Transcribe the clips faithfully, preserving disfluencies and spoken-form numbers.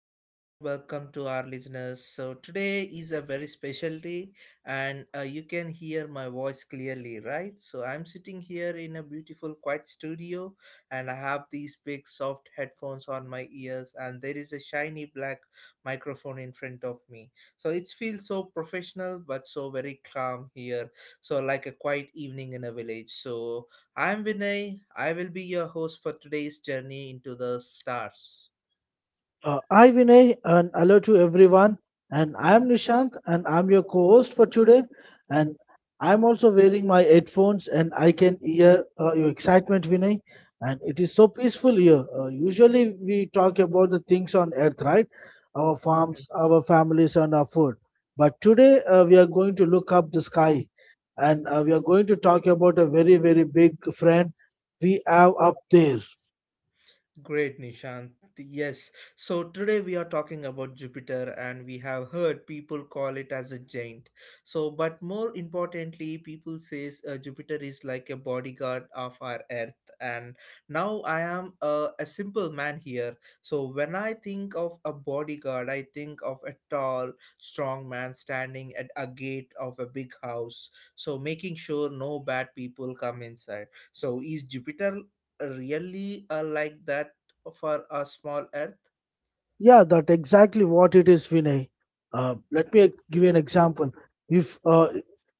a very warm welcome to our listeners. So, today is a very special day, and uh, you can hear my voice clearly, right? So, I'm sitting here in a beautiful, quiet studio, and I have these big, soft headphones on my ears, and there is a shiny black microphone in front of me. So, it feels so professional but so very calm here. So, like a quiet evening in a village. So, I'm Vinay, I will be your host for today's journey into the stars. Uh, hi Vinay and hello to everyone. And I am Nishant and I'm your co-host for today. And I'm also wearing my headphones and I can hear uh, your excitement, Vinay. And it is so peaceful here. Uh, usually we talk about the things on earth, right? Our Mhm. farms, our families, and our food. But today uh, we are going to look up the sky, and uh, we are going to talk about a very very big friend we have up there. Great, Nishant. Yes. So today we are talking about Jupiter and we have heard people call it as a giant. So but more importantly, people says uh, Jupiter is like a bodyguard of our earth and now I am a, a simple man here. So when I think of a bodyguard, I think of a tall, strong man standing at a gate of a big house, so making sure no bad people come inside. So is Jupiter really uh, like that for a small earth. Yeah, that exactly what it is, Vinay. Uh, let me give you an example. If uh,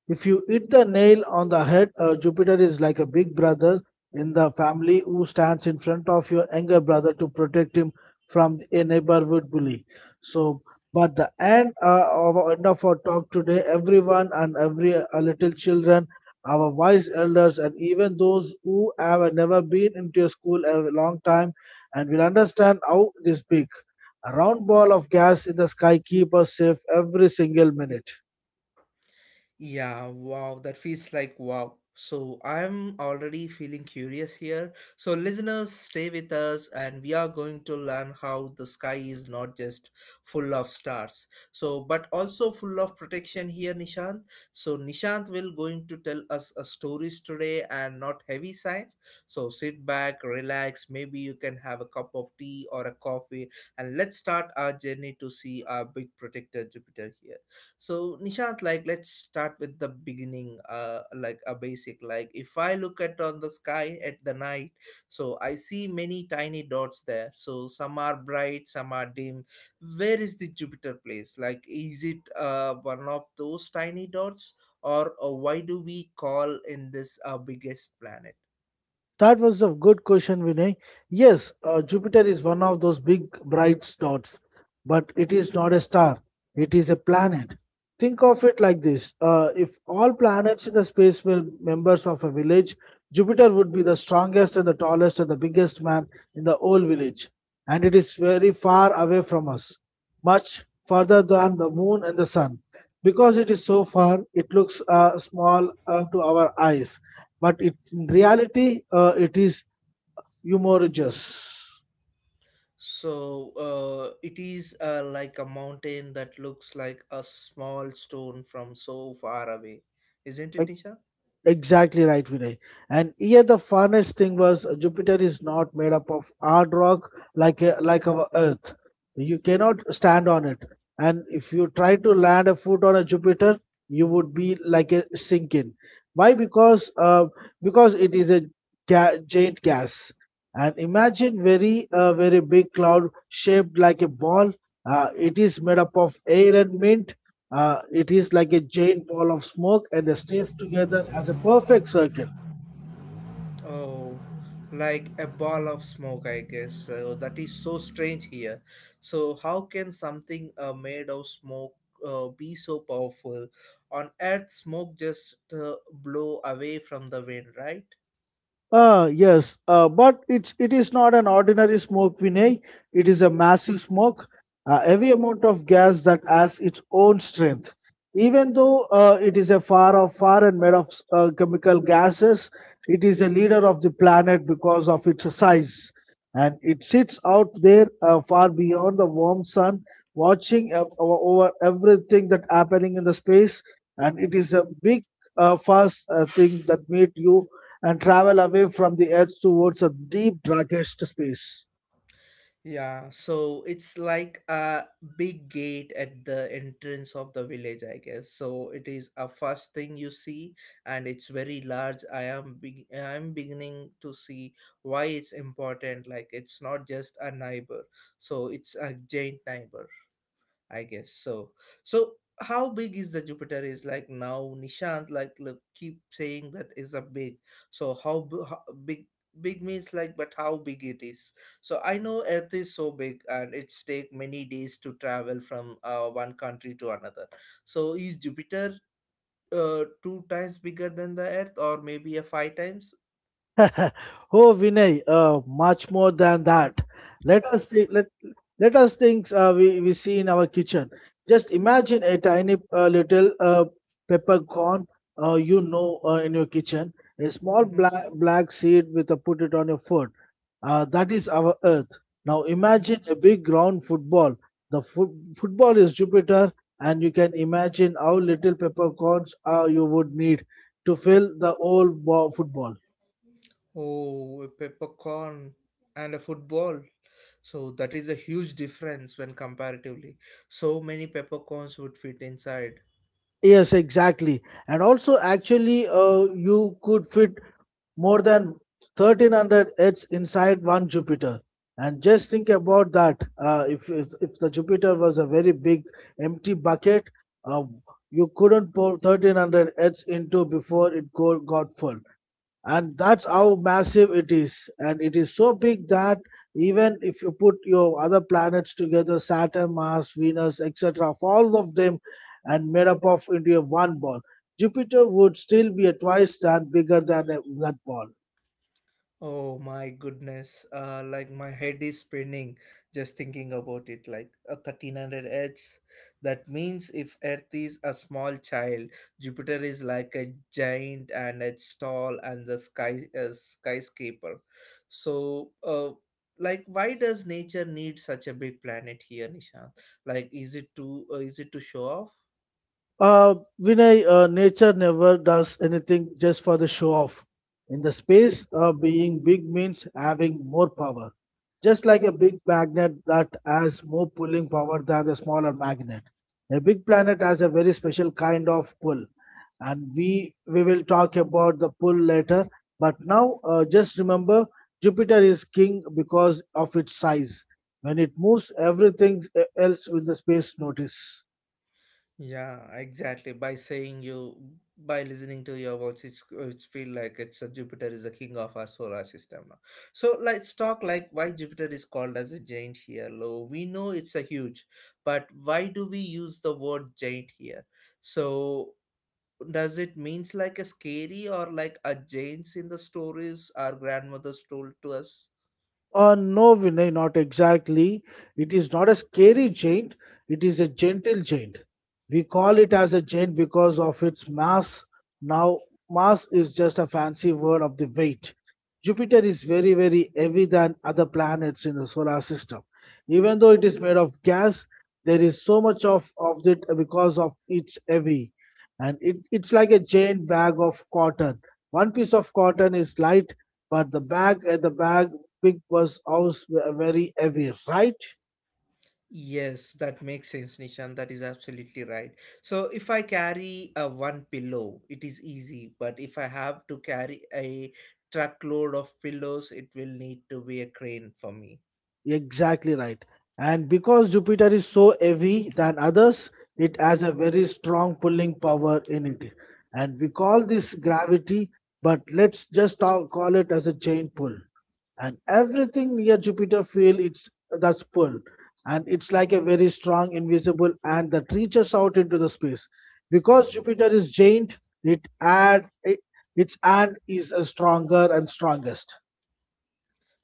if you hit the nail on the head, uh, Jupiter is like a big brother in the family who stands in front of your younger brother to protect him from a neighborhood bully. So, but the end uh, of our end of our talk today, everyone and every uh, little children, our wise elders, and even those who have never been into a school a long time, and will understand how this big. A round ball of gas in the sky keeps us safe every single minute. Yeah, wow, that feels like wow. So I'm already feeling curious here. So listeners, stay with us and we are going to learn how the sky is not just full of stars. So but also full of protection here Nishant. So Nishant will going to tell us a stories today and not heavy science. So sit back, relax, maybe you can have a cup of tea or a coffee and let's start our journey to see our big protector Jupiter here. So Nishant, like let's start with the beginning, uh, like a basic. Like if I look at on the sky at the night, so I see many tiny dots there. So some are bright, some are dim. Where is the Jupiter place? Like is it uh, one of those tiny dots, or uh, why do we call in this our biggest planet? That was a good question, Vinay. Yes, uh, Jupiter is one of those big bright spots, but it is not a star. It is a planet. Think of it like this: uh, if all planets in the space were members of a village, Jupiter would be the strongest and the tallest and the biggest man in the whole village. And it is very far away from us, much further than the moon and the sun. Because it is so far, it looks uh, small uh, to our eyes but it, in reality, uh, it is humorous. So uh, it is uh, like a mountain that looks like a small stone from so far away, isn't it, Like Nisha? Exactly right, Vinay. And here the funniest thing was uh, Jupiter is not made up of hard rock like uh, like our Earth. You cannot stand on it. And if you try to land a foot on a Jupiter, you would be like a sinking. Why? Because uh, because it is a ga- giant gas. And imagine very uh, very big cloud shaped like a ball. Uh, it is made up of air and mint, uh, it is like a giant ball of smoke and stays together as a perfect circle. Oh, like a ball of smoke, I guess. So that is so strange here. So how can something uh, made of smoke uh, be so powerful? On Earth, smoke just uh, blow away from the wind, right? Ah, yes, uh, but it's it is not an ordinary smoke, Vinay. It is a massive smoke. Uh, heavy amount of gas that has its own strength. Even though uh, it is a far off far and made of uh, chemical gases, it is a leader of the planet because of its size. And it sits out there uh, far beyond the warm sun, watching ev- over everything that happening in the space. And it is a big, uh, fast uh, thing that meet you and travel away from the Earth towards a deep, darkest space. Yeah, so it's like a big gate at the entrance of the village, I guess. So it is a first thing you see, and it's very large. I am be- I'm beginning to see why it's important. Like it's not just a neighbor, so it's a giant neighbor. I guess so. So how big is the Jupiter is like now Nishant like look keep saying that is a big. So how, b- how big big means like but how big it is. So I know Earth is so big and it's take many days to travel from uh, one country to another. So is Jupiter uh, two times bigger than the Earth or maybe a five times? Oh, Vinay, uh, much more than that. Let us think, let, let us think uh, we, we see in our kitchen. Just imagine a tiny uh, little uh, peppercorn uh, you know uh, in your kitchen, a small Mm-hmm, black, black seed with a put it on your foot. Uh, that is our earth. Now imagine mm-hmm. a big round football. The foot football is Jupiter, and you can imagine how little peppercorns uh, you would need to fill the whole ball, football. Oh, a peppercorn and a football. So that is a huge difference when comparatively. So many peppercorns would fit inside. Yes, exactly. And also, actually, uh, you could fit more than thirteen hundred Earths inside one Jupiter. And just think about that. Uh, if, if if the Jupiter was a very big empty bucket, uh, you couldn't pour thirteen hundred Earths into before it go, got full and that's how massive it is and it is so big that even if you put your other planets together, saturn, mars, venus, etc, of all of them and made up of into a one ball, jupiter would still be a twice that bigger than a blood ball. Oh my goodness, uh, like my head is spinning just thinking about it. Like a thirteen hundred H. That means if Earth is a small child, Jupiter is like a giant and it's tall and the sky uh, skyscraper. So, uh, like why does nature need such a big planet here, Nishant? Like, is it to uh, is it to show off? Uh, Vinay, uh, nature never does anything just for the show off. In the space, uh, being big means having more power. Just like a big magnet that has more pulling power than the smaller magnet. A big planet has a very special kind of pull, and we we will talk about the pull later. But now, uh, just remember, Jupiter is king because of its size. When it moves, everything uh, else in the space notice. Yeah, exactly. By saying you, by listening to your words, it's it's feel like it's a Jupiter is the king of our solar system now. So let's talk like why Jupiter is called as a giant here, halo. We know it's a huge, but why do we use the word giant here? So does it means like a scary or like a giants in the stories our grandmothers told to us? Uh, no, Vinay, not exactly. It is not a scary giant, it is a gentle giant. We call it as a giant because of its mass. Now, mass is just a fancy word of the weight. Jupiter is very, very heavy than other planets in the solar system. Even though it is made of gas, there is so much of, of it because of its heavy. And it, it's like a giant bag of cotton. One piece of cotton is light, but the bag at the bag pig was always very heavy, right? Yes, that makes sense, Nishan. That is absolutely right. So if I carry a one pillow, it is easy, but if I have to carry a truckload of pillows, it will need to be a crane for me. Exactly right. And because Jupiter is so heavy than others, it has a very strong pulling power in it. And we call this gravity, but let's just ta- call it as a chain pull. And everything near Jupiter feel its that's pull. And it's like a very strong invisible hand that reaches out into the space. Because Jupiter is giant, it add it, its hand is uh, stronger and strongest.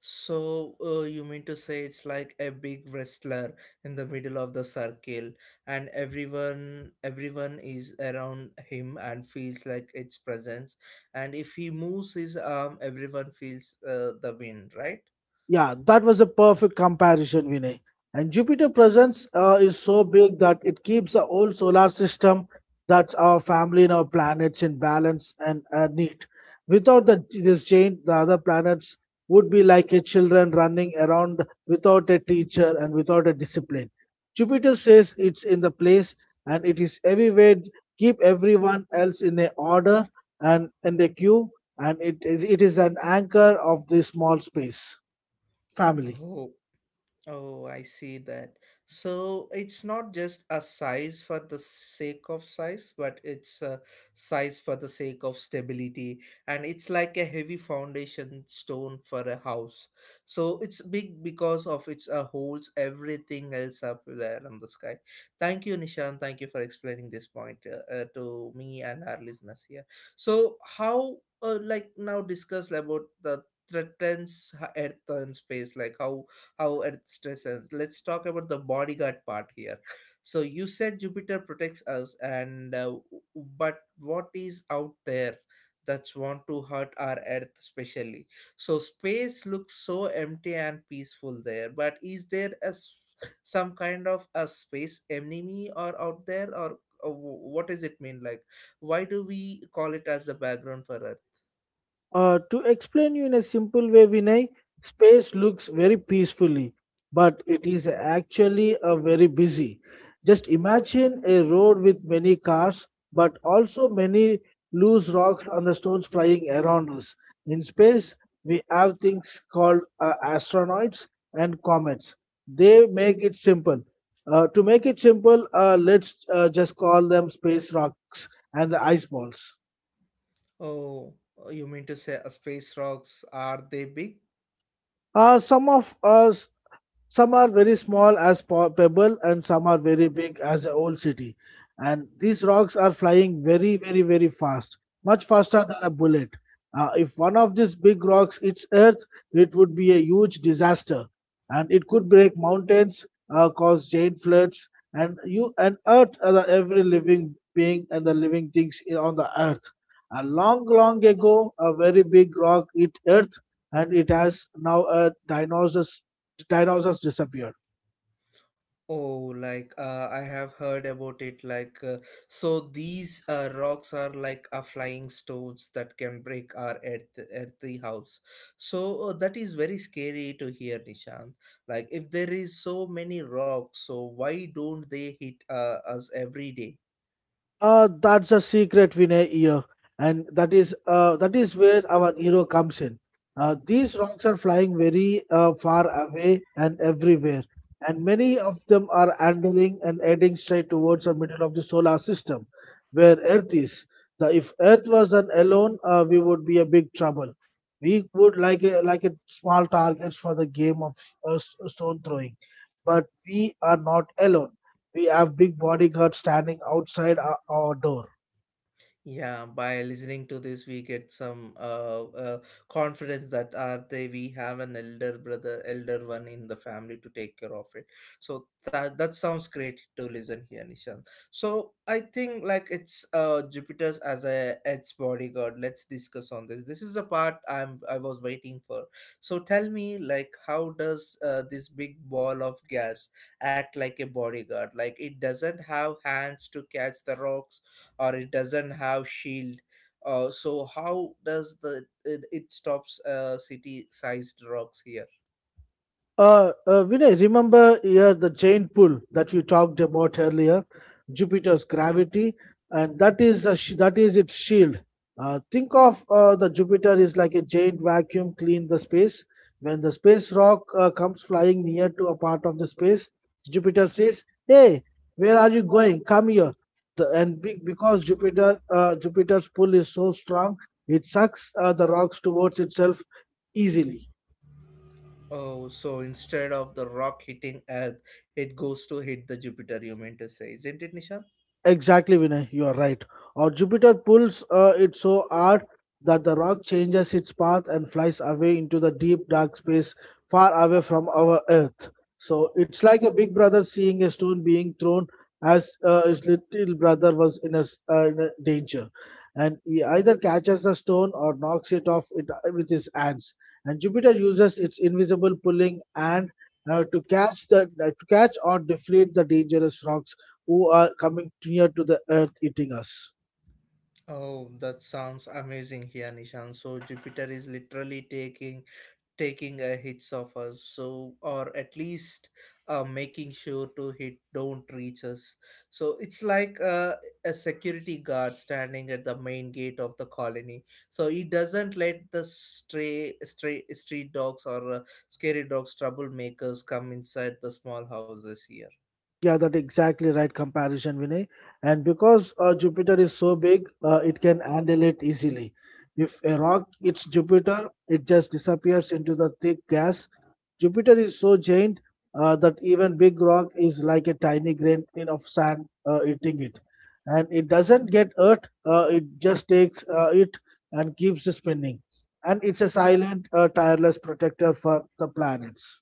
So uh, you mean to say it's like a big wrestler in the middle of the circle, and everyone everyone is around him and feels like its presence, and if he moves his arm, everyone feels uh, the wind, right? Yeah, that was a perfect comparison, Vinay. And Jupiter presence uh, is so big that it keeps the whole solar system, that's our family and our planets, in balance and uh, neat. Without the, this chain, the other planets would be like a children running around without a teacher and without a discipline. Jupiter says it's in the place and it is everywhere. Keep everyone else in a order and in a queue, and it is it is an anchor of this small space family. Oh, Oh, I see that. So it's not just a size for the sake of size, but it's a size for the sake of stability. And it's like a heavy foundation stone for a house. So it's big because of its uh, holds everything else up there in the sky. Thank you, Nishan. Thank you for explaining this point uh, uh, to me and our listeners here. So how, uh, like now discuss about the threatens Earth and space, like how how it stresses. Let's talk about the bodyguard part here. So you said Jupiter protects us, and uh, but what is out there that's want to hurt our Earth, especially? So space looks so empty and peaceful there. But is there a s- some kind of a space enemy or out there, or uh, wh- what does it mean? Like, why do we call it as the background for Earth? Uh, to explain you in a simple way, Vinay, space looks very peacefully, but it is actually a very busy. Just imagine a road with many cars, but also many loose rocks and the stones flying around us. In space, we have things called uh, asteroids and comets. They make it simple. Uh, to make it simple, uh, let's uh, just call them space rocks and the ice balls. Oh, you mean to say uh, space rocks are they big? Uh, some of us Some are very small as po- pebble and some are very big as a old city. And these rocks are flying very, very, very fast, much faster than a bullet. Uh, if one of these big rocks hits Earth, it would be a huge disaster, and it could break mountains, uh, cause giant floods, and you and Earth, uh, the every living being and the living things i- on the Earth. A long, long ago, a very big rock hit Earth, and it has now a dinosaurs dinosaurs disappeared. Oh, like uh, I have heard about it. Like, uh, so these uh, rocks are like a flying stones that can break our earth, earthly house. So uh, that is very scary to hear, Nishant. Like, if there is so many rocks, so why don't they hit uh, us every day? Uh, that's a secret Vinay here, and that is uh, that is where our hero comes in. Uh, these rocks are flying very uh, far away and everywhere, and many of them are angling and heading straight towards the middle of the solar system, where Earth is. The, if Earth was an alone, uh, we would be a big trouble. We would like a, like a small targets for the game of uh, s- stone throwing, but we are not alone. We have big bodyguards standing outside our our door. Yeah, by listening to this, we get some uh, uh, confidence that are they we have an elder brother, elder one in the family to take care of it. So that that sounds great to listen here, Nishan. So I think like it's uh Jupiter's as a its bodyguard. Let's discuss on this. This is the part I'm I was waiting for. So tell me like how does uh, this big ball of gas act like a bodyguard? Like it doesn't have hands to catch the rocks or it doesn't have shield uh, so how does the it, it stops uh, city sized rocks here Uh, uh, Vinay, remember here the giant pull that we talked about earlier, Jupiter's gravity, and that is a sh- that is its shield. Uh, think of uh, the Jupiter is like a giant vacuum clean the space. When the space rock uh, comes flying near to a part of the space, Jupiter says, "Hey, where are you going? Come here." The, and be, because Jupiter uh, Jupiter's pull is so strong, it sucks uh, the rocks towards itself easily. oh so instead of the rock hitting earth it goes to hit the jupiter you meant to say isn't it nisha Exactly, Vinay, you are right. Or Jupiter pulls uh, it so hard that the rock changes its path and flies away into the deep dark space far away from our Earth. So it's like a big brother seeing a stone being thrown as uh, his little brother was in a, s- uh, in a danger. And he either catches the stone or knocks it off it, with his hands. And Jupiter uses its invisible pulling hand uh, to catch the uh, to catch or deflate the dangerous rocks who are coming near to the earth eating us. Oh, that sounds amazing here, Nishan. So Jupiter is literally taking taking a hits of us so or at least uh, making sure to hit don't reach us so it's like uh, a security guard standing at the main gate of the colony so he doesn't let the stray, stray street dogs or uh, scary dogs troublemakers come inside the small houses here Yeah, that exactly right comparison, Vinay. And because uh, Jupiter is so big, uh, it can handle it easily. If a rock hits Jupiter, it just disappears into the thick gas. Jupiter is so giant uh, that even big rock is like a tiny grain in of sand uh, eating it, and it doesn't get hurt. Uh, it just takes uh, it and keeps spinning, and it's a silent, uh, tireless protector for the planets.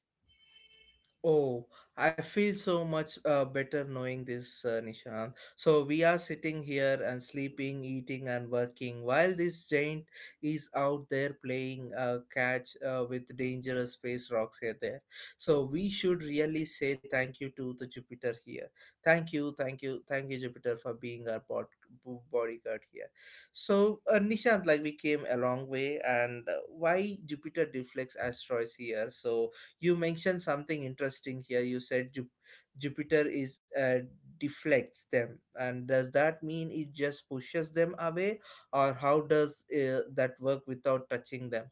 Oh, I feel so much uh, better knowing this, uh, Nishant. So we are sitting here and sleeping, eating, and working while this giant is out there playing uh, catch uh, with dangerous space rocks here there. So we should really say thank you to the Jupiter here. Thank you, thank you, thank you, Jupiter, for being our bod- bo- bodyguard here. So uh, Nishant, like we came a long way, and uh, why Jupiter deflects asteroids here? So you mentioned something interesting here you said Ju- jupiter is uh, deflects them and does that mean it just pushes them away or how does uh, that work without touching them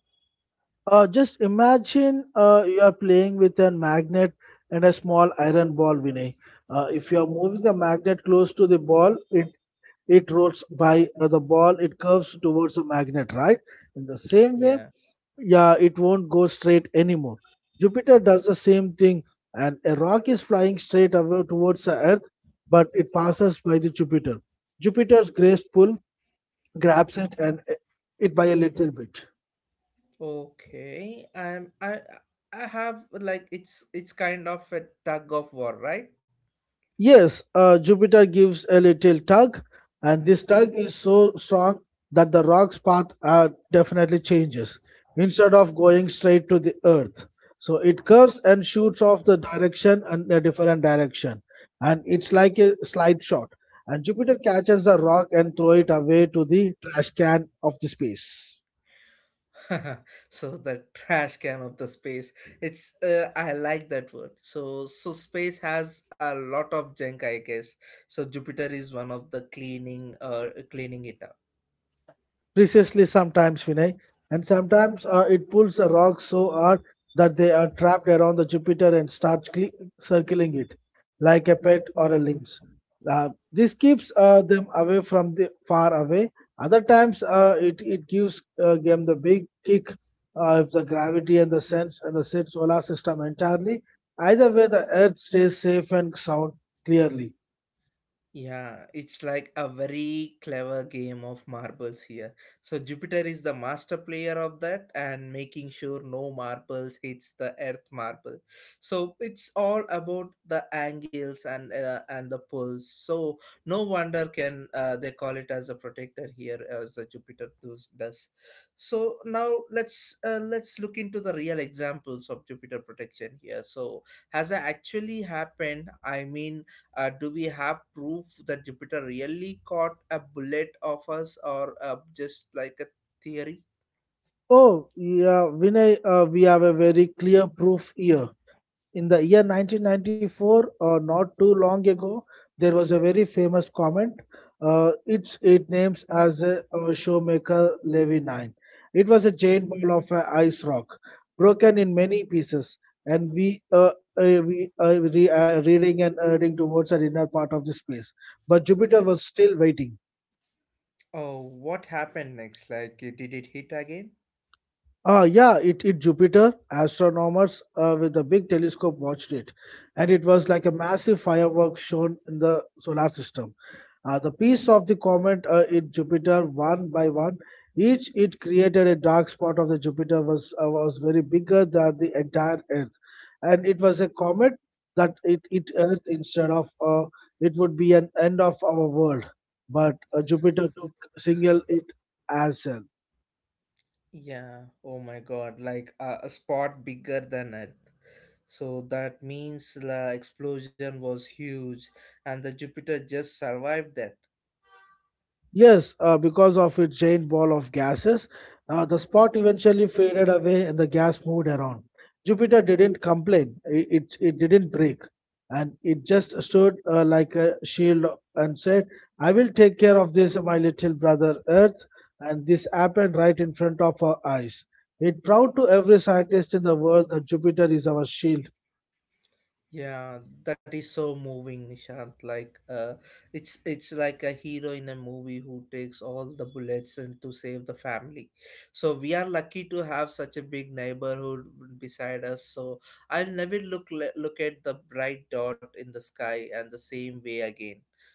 Uh, just imagine uh, you are playing with a magnet and a small iron ball, Vinay. Uh, if you are moving the magnet close to the ball, it it rolls by uh, the ball. It curves towards the magnet, right? In the same way, yeah yeah, it won't go straight anymore. Jupiter does the same thing, and a rock is flying straight away towards the Earth, but it passes by the Jupiter. Jupiter's grace pull grabs it and uh, it by a little bit. okay um i i have like it's it's kind of a tug of war right Yes, uh, Jupiter gives a little tug, and this tug is so strong that the rock's path uh, definitely changes instead of going straight to the Earth. So it curves and shoots off the direction and a different direction, and it's like a slide shot. And Jupiter catches the rock and throw it away to the trash can of the space. so the trash can of the space it's uh, I like that word so so space has a lot of junk I guess so jupiter is one of the cleaning uh, cleaning it up Precisely sometimes, Vinay. And sometimes uh, it pulls a rock so hard that they are trapped around the Jupiter and start cle- circling it like a pet or a lynx. Uh, this keeps uh, them away from the far away. Other times, uh, it, it gives uh, them the big kick uh, if the gravity and the sense and the set solar system entirely. Either way, the Earth stays safe and sound clearly. Yeah, it's like a very clever game of marbles here. So Jupiter is the master player of that and making sure no marbles hits the earth marble. So it's all about the angles and uh, and the pulls. So no wonder can uh, they call it as a protector here as the Jupiter does. does. So now let's uh, let's look into the real examples of Jupiter protection here. So has it actually happened? I mean uh, do we have proof that jupiter really caught a bullet of us or uh, just like a theory Oh, yeah, Vinay, uh, we have a very clear proof here. In the year nineteen ninety-four or not too long ago, there was a very famous comment. Uh, it's it names as a, uh showmaker levy nine. It was a giant ball of a ice rock, broken in many pieces. And we uh, uh, we uh, re- uh, reading and hurrying towards our inner part of the space, but jupiter was still waiting. Oh, what happened next? Like, did it hit again? Uh, yeah, it hit Jupiter. Astronomers uh, with a big telescope watched it, and it was like a massive firework shown in the solar system. Uh, the piece of the comet uh, hit Jupiter one by one. Each it created a dark spot of the Jupiter was uh, was very bigger than the entire Earth, and it was a comet that it hit Earth instead of uh, it would be an end of our world. But uh, Jupiter took single it as well. Yeah Oh my god, like a, a spot bigger than Earth. So that means the explosion was huge and the Jupiter just survived that. Yes, uh, because of its giant ball of gases, uh, the spot eventually faded away and the gas moved around. Jupiter didn't complain, i- it, it didn't break, and it just stood uh, like a shield and said, I will take care of this, my little brother Earth. And this happened right in front of our eyes. It proved to every scientist in the world that Jupiter is our shield. Yeah, that is so moving, Nishant. Like, uh, it's it's like a hero in a movie who takes all the bullets and to save the family. So we are lucky to have such a big neighborhood beside us. So I'll never look le- look at the bright dot in the sky and the same way again.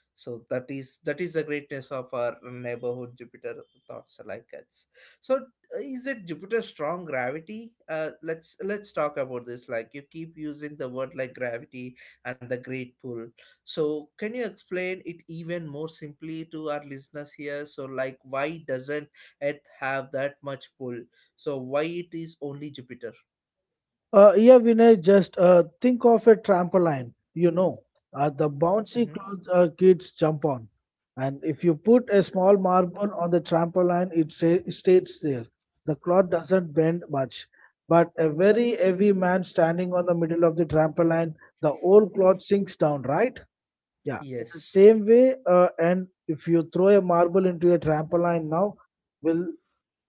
So that is that is the greatness of our neighborhood Jupiter thoughts like us. So is it Jupiter's strong gravity? Uh let's let's talk about this. Like, you keep using the word like gravity and the great pull, so can you explain it even more simply to our listeners here? So like, why doesn't earth have that much pull? So why it is only Jupiter? Uh, yeah, Vinay, just uh, think of a trampoline, you know, uh, the bouncy Hmm. clothes uh, kids jump on. And if you put a small marble on the trampoline, it sa- stays there. The cloth doesn't bend much. But a very heavy man standing on the middle of the trampoline, the whole cloth sinks down, right? Yeah. In the Yes. same way, uh, and if you throw a marble into a trampoline now, will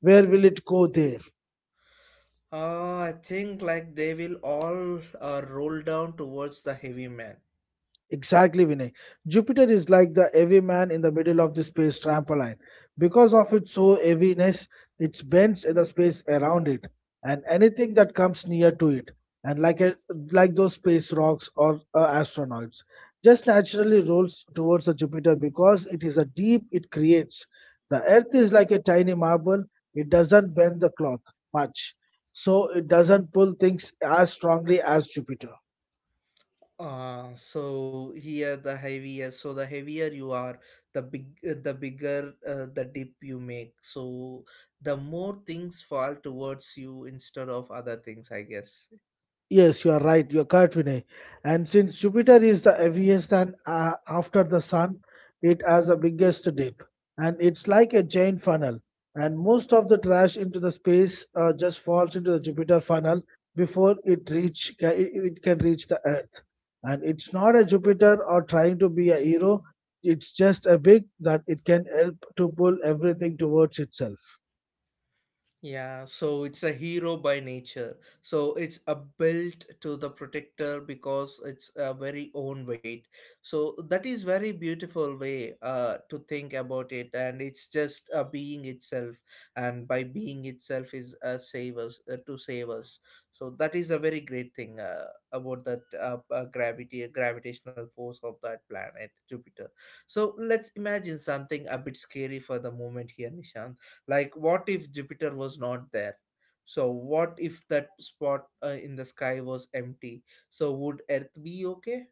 where will it go there? uh, I think like they will all uh, roll down towards the heavy man. Exactly, Vinay. Jupiter is like the heavy man in the middle of the space trampoline. Because of its so heaviness, it bends in the space around it, and anything that comes near to it, and like a, like those space rocks or uh, astronauts, just naturally rolls towards the Jupiter because it is a deep it creates. The Earth is like a tiny marble; it doesn't bend the cloth much, so it doesn't pull things as strongly as Jupiter. Uh, so here the heavier, so the heavier you are, the big, uh, the bigger uh, the dip you make. So the more things fall towards you instead of other things, I guess. Yes, you are right. You are correct, Vinay. And since Jupiter is the heaviest and uh, after the Sun, it has the biggest dip, and it's like a giant funnel. And most of the trash into the space uh, just falls into the Jupiter funnel before it reach ca- it it can reach the Earth. And it's not a Jupiter or trying to be a hero. It's just a big that it can help to pull everything towards itself. Yeah, so it's a hero by nature. So it's a built to the protector because it's a very own weight. So that is very beautiful way uh, to think about it, and it's just a being itself, and by being itself is a save us uh, to save us. So that is a very great thing uh, about that uh, uh, gravity, uh, gravitational force of that planet Jupiter. So let's imagine something a bit scary for the moment here, Nishant. Like, what if Jupiter was not there? So, what if that spot uh, in the sky was empty? So, would Earth be okay?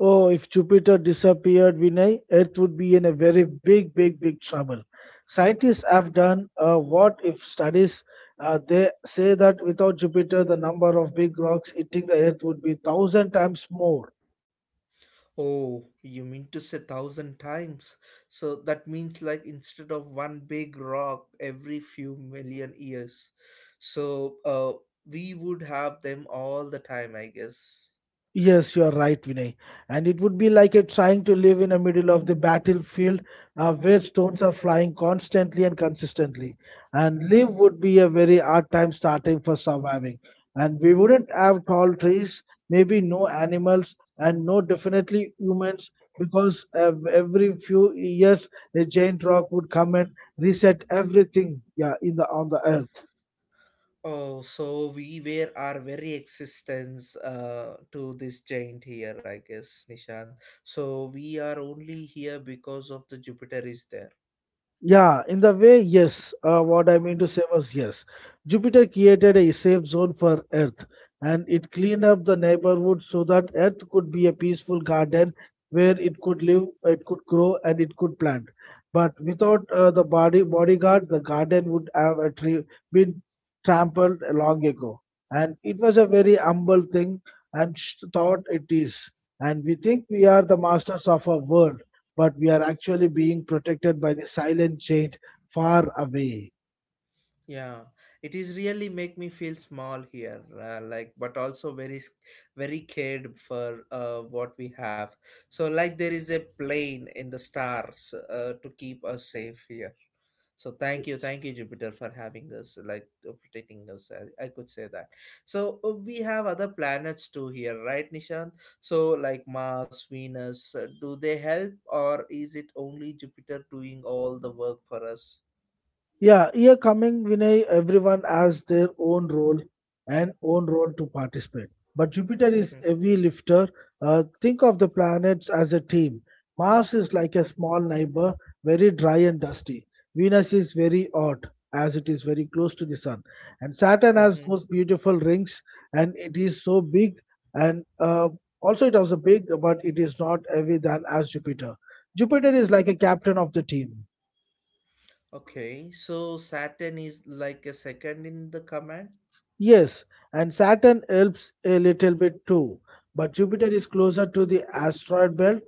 Oh, if Jupiter disappeared, Vinay, Earth would be in a very big, big, big trouble. Scientists have done uh, what if studies. Uh, they say that without Jupiter, the number of big rocks hitting the Earth would be thousand times more. Oh, you mean to say thousand times? So that means like instead of one big rock every few million years. So uh, we would have them all the time, I guess. Yes, you are right, Vinay. And it would be like a trying to live in the middle of the battlefield uh, where stones are flying constantly and consistently. And live would be a very hard time starting for surviving. And we wouldn't have tall trees, maybe no animals, and no definitely humans because uh, every few years a giant rock would come and reset everything, yeah, in the on the earth. Oh, so we were our very existence uh, to this giant here, I guess, Nishan. So we are only here because of the Jupiter is there. Yeah, in the way, yes. Uh, what I mean to say was yes. Jupiter created a safe zone for Earth and it cleaned up the neighborhood so that Earth could be a peaceful garden where it could live, it could grow, and it could plant. But without uh, the body bodyguard, the garden would have a tree, been trampled long ago. And it was a very humble thing and sh- thought it is. And we think we are the masters of our world but we are actually being protected by the silent giant far away. Yeah, it is really make me feel small here, uh, like, but also very s- very cared for uh, what we have. So like there is a plane in the stars uh, to keep us safe here. So thank you, thank you, Jupiter, for having us, like, uh, protecting us. I, I could say that. So uh, we have other planets too here, right, Nishant? So like Mars, Venus, uh, do they help, or is it only Jupiter doing all the work for us? Yeah, here coming Vinay, everyone has their own role and own role to participate. But Jupiter is heavy lifter. Uh, think of the planets as a team. Mars is like a small neighbor, very dry and dusty. Venus is very hot, as it is very close to the sun. And Saturn has Hmm. those beautiful rings, and it is so big. And uh, also, it was a big, but it is not heavy than as Jupiter. Jupiter is like a captain of the team. Okay, so Saturn is like a second in the command. Yes, and Saturn helps a little bit too, but Jupiter is closer to the asteroid belt,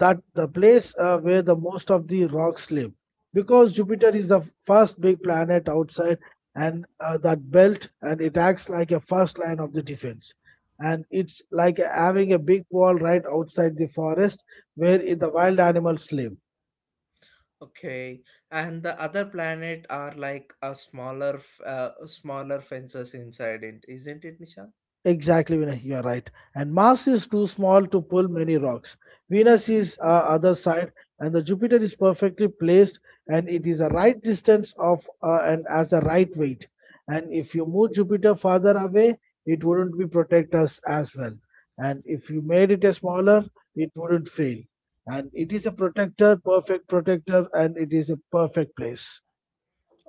that the place uh, where the most of the rocks live. Because Jupiter is the f- first big planet outside and uh, that belt, and it acts like a first line of the defense. And it's like having a big wall right outside the forest where i- the wild animals live. Okay, and the other planet are like a smaller, f- uh, smaller fences inside it, isn't it, Nisha? Exactly, Vinay, you are right. And Mars is too small to pull many rocks. Venus is uh, other side, and the Jupiter is perfectly placed, and it is a right distance of uh, and as a right weight. And if you move Jupiter farther away, it wouldn't be protect us as well. And if you made it a smaller, it wouldn't fail. And it is a protector, perfect protector, and it is a perfect place.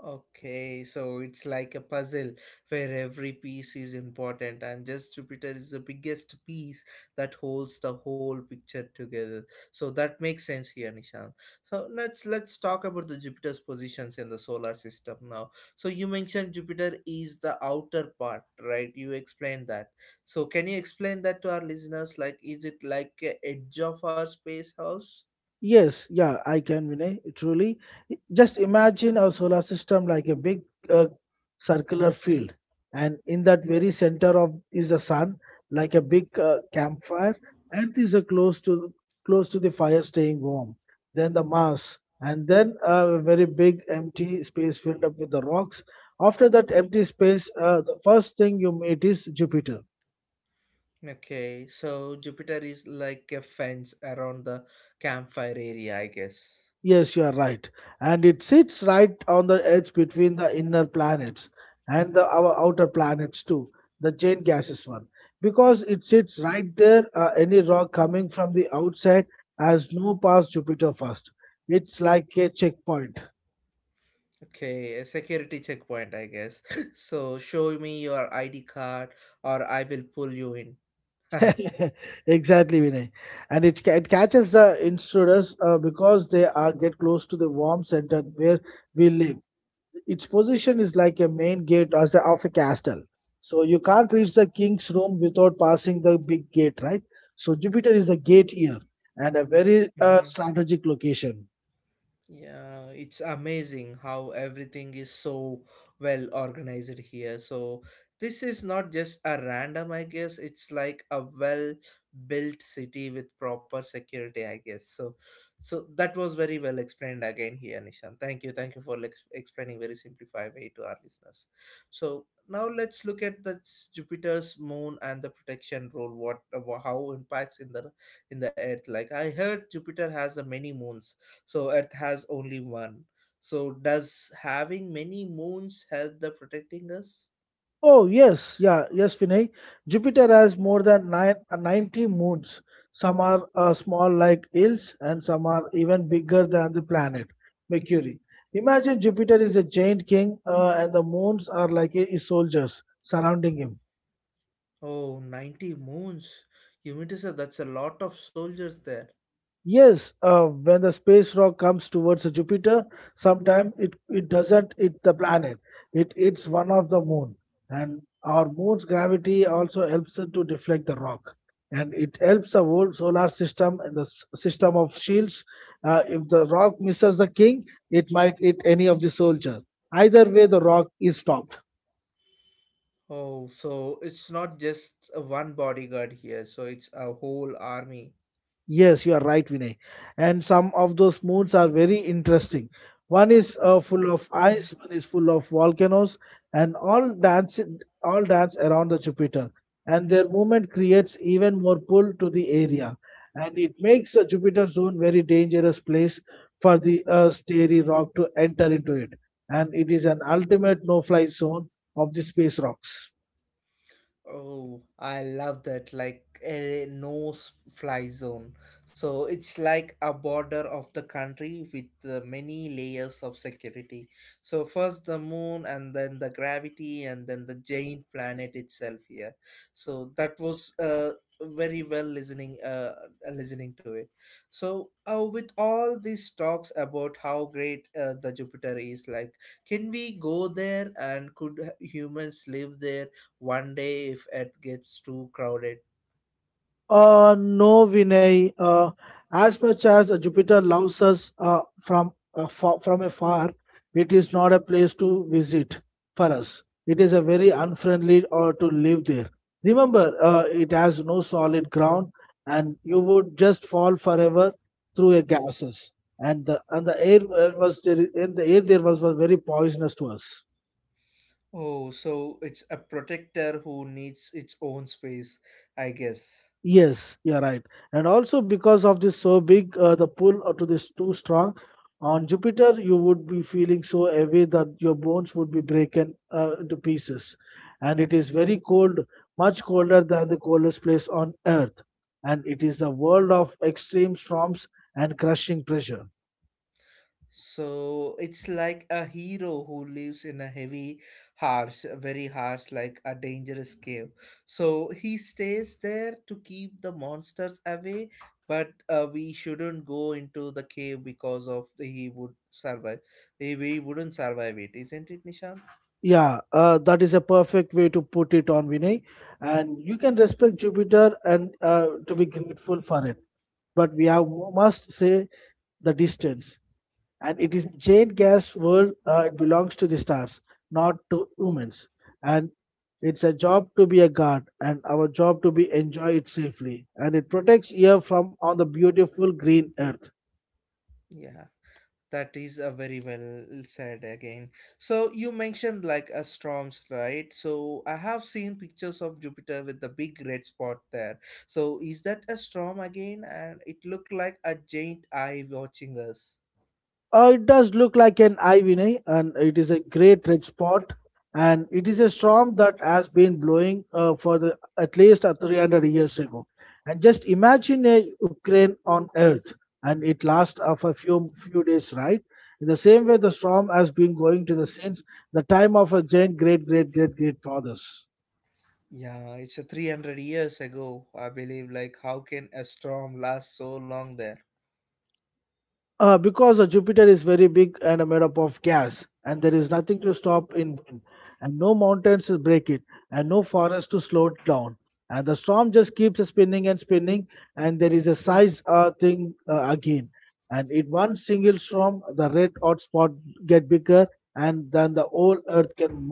Okay, so it's like a puzzle where every piece is important, and just Jupiter is the biggest piece that holds the whole picture together. So that makes sense here, Nishan. So let's let's talk about the Jupiter's positions in the solar system now. So you mentioned Jupiter is the outer part, right? You explained that. So can you explain that to our listeners? Like, is it like a edge of our space house? Yes, yeah, I can, Vinay, truly. Just imagine our solar system like a big uh, circular field, and in that very center of is the sun, like a big uh, campfire. Earth is uh, close to close to the fire, staying warm. Then the Mars, and then a very big empty space filled up with the rocks. After that empty space, uh, the first thing you meet is Jupiter. Okay, so Jupiter is like a fence around the campfire area, I guess. Yes, you are right. And it sits right on the edge between the inner planets and the our outer planets too, the chain gases one. Because it sits right there, uh, any rock coming from the outside has no pass Jupiter first. It's like a checkpoint. Okay, a security checkpoint, I guess. So show me your I D card or I will pull you in. Exactly, Vinay. And it, ca- it catches the intruders uh, because they are get close to the warm center where we live. Its position is like a main gate as a, of a castle. So you can't reach the king's room without passing the big gate, right? So Jupiter is a gate here and a very uh, Mhm. strategic location. Yeah, it's amazing how everything is so well organized here. So this is not just a random, I guess. It's like a well built city with proper security, I guess. So, so that was very well explained again here, Nishan. Thank you, thank you for ex- explaining very simplified way to our listeners. So now let's look at the s- Jupiter's moon and the protection role. What, uh, how impacts in the in the Earth? Like I heard, Jupiter has a many moons, so earth has only one. So does having many moons help the protecting us? Oh yes, yeah, yes, Vinay. Jupiter has more than nine, uh, ninety moons. Some are uh, small like hills, and some are even bigger than the planet Mercury. Imagine Jupiter is a giant king, uh, and the moons are like his soldiers surrounding him. Oh, ninety moons, you mean to say that's a lot of soldiers there. Yes, uh, when the space rock comes towards Jupiter, sometimes it, it doesn't hit the planet. It hits one of the moon. And our moon's gravity also helps it to deflect the rock. And it helps the whole solar system and the s- system of shields. Uh, if the rock misses the king, it might hit any of the soldier. Either way, the rock is stopped. Oh, so it's not just a one bodyguard here, so it's a whole army. Yes, you are right, Vinay. And some of those moons are very interesting. One is uh, full of ice, one is full of volcanoes, and all dance all dance around the Jupiter. And their movement creates even more pull to the area, and it makes the Jupiter zone very dangerous place for the Earth's dairy rock to enter into it. And it is an ultimate no-fly zone of the space rocks. Oh, I love that. Like a no s- fly zone. So it's like a border of the country with uh, many layers of security. So first the moon and then the gravity and then the giant planet itself here. So that was uh, very well listening uh, listening to it. So uh, with all these talks about how great uh, the Jupiter is, like can we go there and could humans live there? One day if Earth gets too crowded. Uh, no, Vinay. Uh, as much as Jupiter loves us uh, from uh, fa- from afar, it is not a place to visit for us. It is a very unfriendly or to live there. Remember, uh, it has no solid ground, and you would just fall forever through a gases. And the and the air uh, was there, and the air there was, was very poisonous to us. Oh, so it's a protector who needs its own space, I guess. Yes, you're right. And also because of this so big, uh, the pull uh, to this too strong. On Jupiter, you would be feeling so heavy that your bones would be breaken uh, into pieces. And it is very cold, much colder than the coldest place on Earth. And it is a world of extreme storms and crushing pressure. So it's like a hero who lives in a heavy, harsh, very harsh, like a dangerous cave. So he stays there to keep the monsters away, but uh, we shouldn't go into the cave because of the, he would survive. We, we wouldn't survive it, isn't it, Nishan? Yeah, uh, that is a perfect way to put it on Vinay. And you can respect Jupiter and uh, to be grateful for it but we have must say the distance. And it is Jane Gas world. Uh, it belongs to the stars, not to humans. And it's a job to be a guard, and our job to be enjoy it safely. And it protects here from on the beautiful green earth. Yeah. That is a very well said again. So you mentioned like a storms, right? So I have seen pictures of Jupiter with the big red spot there. So is that a storm again? And it looked like a giant eye watching us. Uh, it does look like an eye, Vinay, and it is a great red spot. And it is a storm that has been blowing uh, for the, at least uh, three hundred years ago. And just imagine a Ukraine on Earth, and it lasts uh, for a few few days, right? In the same way, the storm has been going to the since the time of our great, great, great, great, great fathers. Yeah, it's a three hundred years ago, I believe. Like, how can a storm last so long there? Uh, because uh, Jupiter is very big and uh, made up of gas, and there is nothing to stop in, wind, and no mountains to break it, and no forest to slow it down. And the storm just keeps spinning and spinning, and there is a size uh, thing uh, again. And in one single storm, the red hot spot get bigger, and then the whole Earth can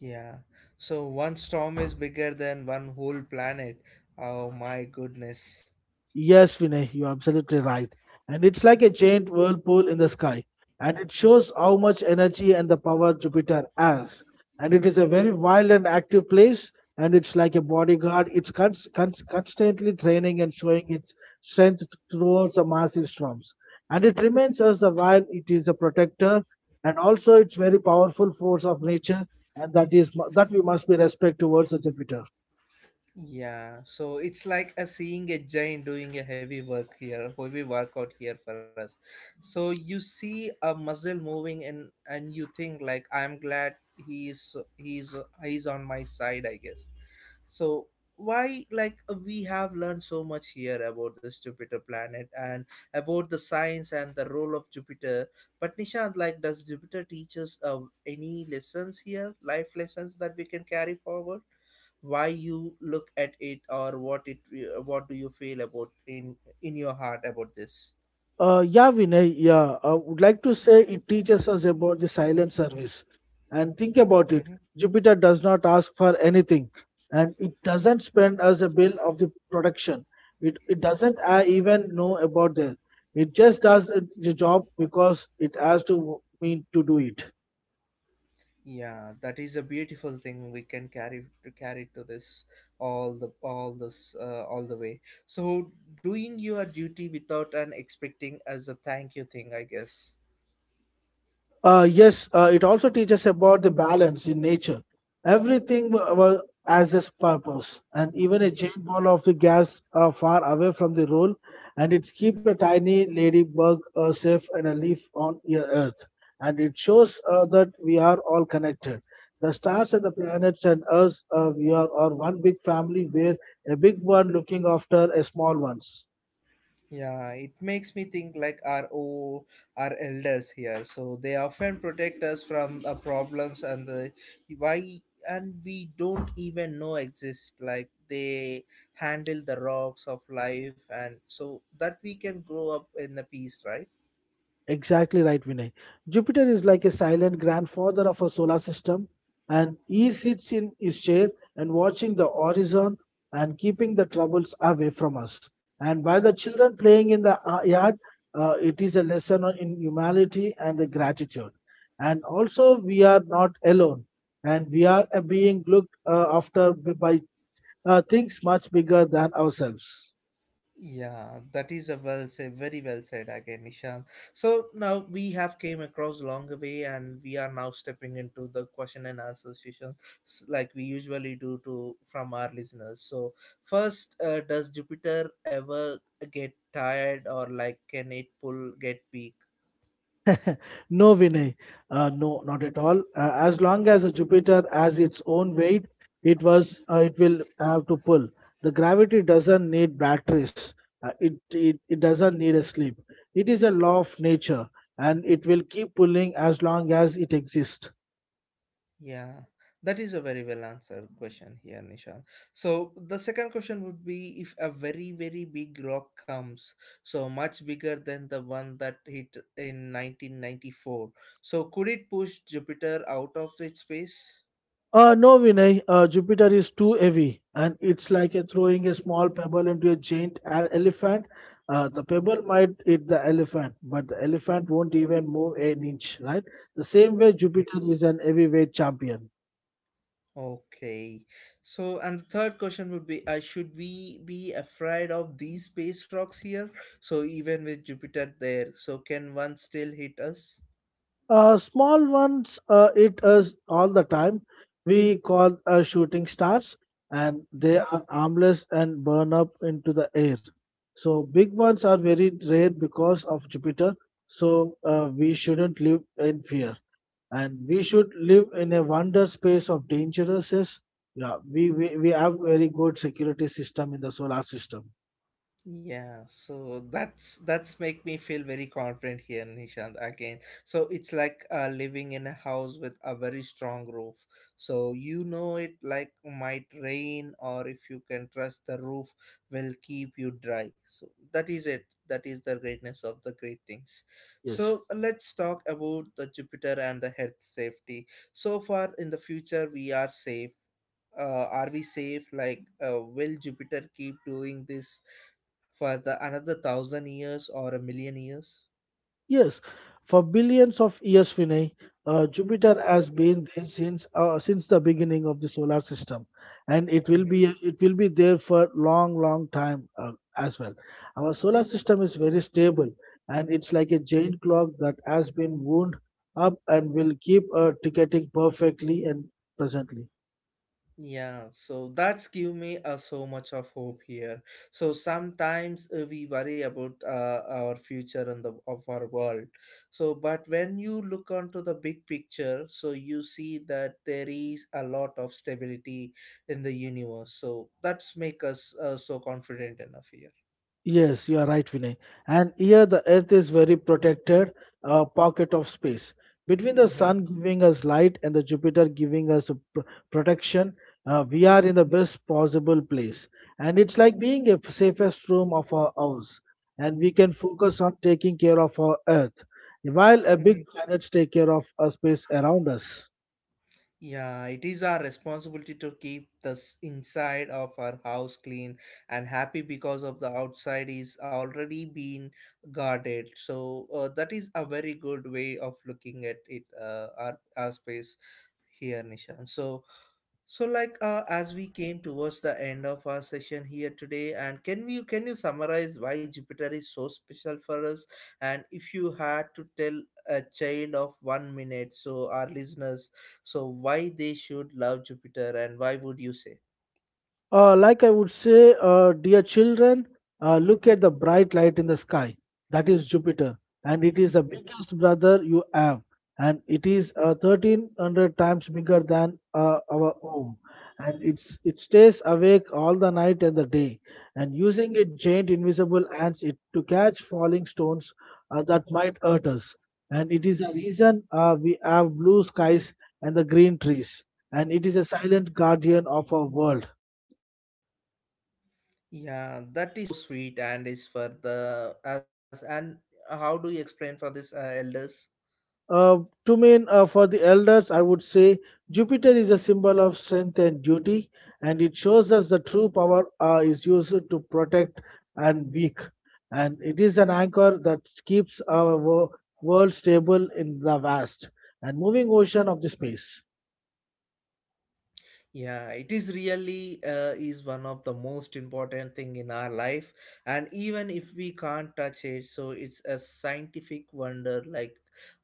Yeah. So one storm is bigger than one whole planet. Oh my goodness. yes, Vinay, you're absolutely right. And it's like a giant whirlpool in the sky. And it shows how much energy and the power Jupiter has. And it is a very wild and active place. And it's like a bodyguard. It's cons- cons- constantly training and showing its strength throughout the massive storms. And it remains us a while it is a protector and also it's very powerful force of nature. And that is mu- that we must be respect towards the Jupiter. Yeah, so it's like a seeing a giant doing a heavy work here, heavy workout here for us. So you see a muscle moving, and and you think like, I'm glad he's he's he's on my side, I guess. So why, like, we have learned so much here about this Jupiter planet and about the science and the role of Jupiter. But Nishant, like, does Jupiter teach us uh, any lessons here, life lessons that we can carry forward? Why you look at it, or what it, uh, what do you feel about in in your heart about this? Uh, yeah, Vinay, yeah, I would like to say it teaches us about the silent service. And think about it, Hmm. Jupiter does not ask for anything, and it doesn't spend us a bill of the production. It, it doesn't uh, even know about that. It just does it- the job because it has to mean to do it. Yeah, that is a beautiful thing we can carry to carry to this all the all this uh, all the way. So doing your duty without an expecting as a thank you thing, I guess. Uh, yes, uh, it also teaches about the balance in nature. Everything wa- wa- has its purpose, and even a giant ball of the gas uh, far away from the roll, and it keep a tiny ladybug uh, safe and a leaf on your earth. And it shows uh, that we are all connected. The stars and the planets and us, uh, we are, are one big family where a big one looking after a small ones. Yeah, it makes me think like our o our elders here. So they often protect us from the problems and the why, and we don't even know exist. Like they handle the rocks of life and so that we can grow up in the peace, right? Exactly right, Vinay. Jupiter is like a silent grandfather of our solar system, and he sits in his chair and watching the horizon and keeping the troubles away from us. And while the children playing in the uh, yard, uh, it is a lesson on- in humility and the gratitude. And also, we are not alone, and we are uh, being looked uh, after by uh, things much bigger than ourselves. Yeah, that is a well said, very well said again, Nishan. So now we have came across long way, and we are now stepping into the question and answer session, s- like we usually do to from our listeners. So first, uh, does Jupiter ever get tired, or like can it pull get weak? No, Vinay. Uh, no, not at all. Uh, as long as a Jupiter has its own weight, it was uh, it will have to pull. The gravity doesn't need batteries. Uh, it, it it doesn't need a sleep. It is a law of nature, and it will keep pulling as long as it exists. Yeah, that is a very well answered question here, Nishan. So the second question would be, if a very, very big rock comes, so much bigger than the one that hit in nineteen ninety-four, so could it push Jupiter out of its space? Uh, no, Vinay. Uh, Jupiter is too heavy, and it's like a throwing a small pebble into a giant e- elephant. Uh, the pebble might hit the elephant, but the elephant won't even move an inch, right? The same way Mhm. Jupiter is an heavyweight champion. Okay. So, and the third question would be, uh, should we be afraid of these space rocks here? So even with Jupiter there, so can one still hit us? Uh, small ones uh, eat us all the time. We call uh, shooting stars, and they are harmless and burn up into the air. So big ones are very rare because of Jupiter. So uh, we shouldn't live in fear, and we should live in a wonder space of dangerousness. Yeah, we, we we have very good security system in the solar system. Yeah, so that's that's make me feel very confident here, Nishant. Again, so it's like uh, living in a house with a very strong roof. So you know it like might rain, or if you can trust the roof, will keep you dry. So that is it. That is the greatness of the great things. So Yes. let's talk about the Jupiter and the health safety. So far in the future, we are safe, uh, are we safe, like uh, will Jupiter keep doing this for the another thousand years or a million years? Yes, for billions of years, Vinay, uh, Jupiter has been there since uh, since the beginning of the solar system, and it will Mhm. be it will be there for long, long time uh, as well. Our solar system is very stable, and it's like a giant clock that has been wound up and will keep uh, ticketing perfectly and presently. Yeah, so that's give me uh, so much of hope here. So sometimes uh, we worry about uh, our future and the of our world. So but when you look onto the big picture, so you see that there is a lot of stability in the universe, so that's make us uh, so confident enough here. Yes, you are right, Vinay. And here the Earth is very protected, a pocket of space. Between the Sun giving us light and the Jupiter giving us a pr- protection, uh, we are in the best possible place. And it's like being a safest room of our house. And we can focus on taking care of our Earth, while a Mhm. big planets take care of a space around us. Yeah, it is our responsibility to keep the s- inside of our house clean and happy because of the outside is already been guarded. So uh, that is a very good way of looking at it, uh, our, our space here, Nishan. So so, like, uh, as we came towards the end of our session here today, and can you can you summarize why Jupiter is so special for us? And if you had to tell a child of one minute, so our listeners, so why they should love Jupiter, and why would you say? Uh, like I would say, uh, dear children, uh, look at the bright light in the sky. That is Jupiter, and it is the biggest brother you have, and it is uh, thirteen hundred times bigger than uh, our home. And it's it stays awake all the night and the day, and using its giant invisible hands it to catch falling stones uh, that might hurt us. And it is the reason uh, we have blue skies and the green trees, and it is a silent guardian of our world Yeah, that is so sweet, and is for the as, and how do you explain for this uh, elders? Uh, to men, uh, for the elders, I would say Jupiter is a symbol of strength and duty, and it shows us the true power uh, is used to protect and weak. And it is an anchor that keeps our wo- world stable in the vast and moving ocean of the space. Yeah, it is really uh, is one of the most important thing in our life, and even if we can't touch it, so it's a scientific wonder, like,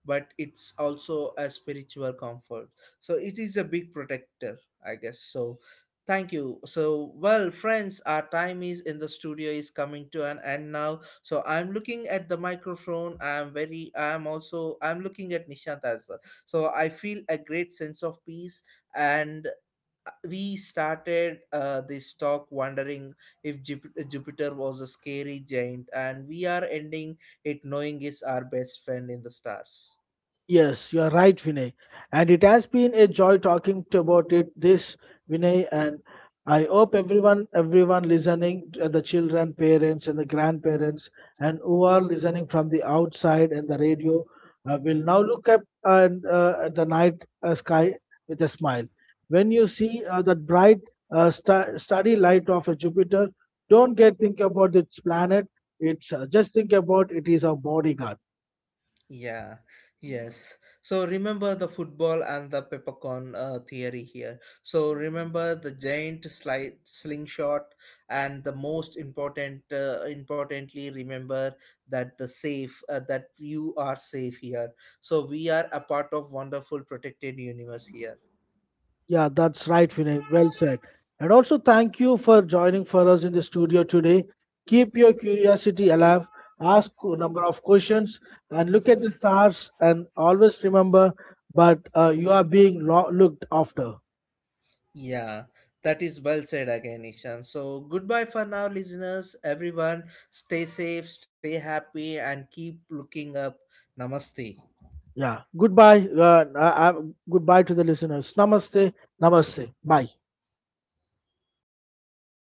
but it's also a spiritual comfort. So it is a big protector, I guess. So thank you so well friends, our time is in the studio is coming to an end now. So I'm looking at the microphone, I'm very, I'm also, I'm looking at Nishant as well. So I feel a great sense of peace. And we started uh, this talk wondering if Jup- Jupiter was a scary giant, and we are ending it knowing is our best friend in the stars. Yes, you are right, Vinay. And it has been a joy talking to about it this Vinay. And I hope everyone, everyone listening, uh, the children, parents, and the grandparents, and who are listening from the outside and the radio, uh, will now look up and uh, at the night uh, sky with a smile. When you see uh, that bright, uh, star starry light of a Jupiter, don't get think about its planet. It's uh, just think about it is our bodyguard. Yeah, yes. So remember the football and the peppercorn uh, theory here. So remember the giant slide slingshot, and the most important, uh, importantly, remember that the safe uh, that you are safe here. So we are a part of wonderful protected universe here. Yeah, that's right, Vinay. Well said. And also, thank you for joining for us in the studio today. Keep your curiosity alive, ask a number of questions, and look at the stars. And always remember, but uh, you are being lo- looked after. Yeah, that is well said again, Ishan. So goodbye for now, listeners. Everyone, stay safe, stay happy, and keep looking up. Namaste. Yeah. Goodbye. Uh, uh, uh, goodbye to the listeners. Namaste. Namaste. Bye.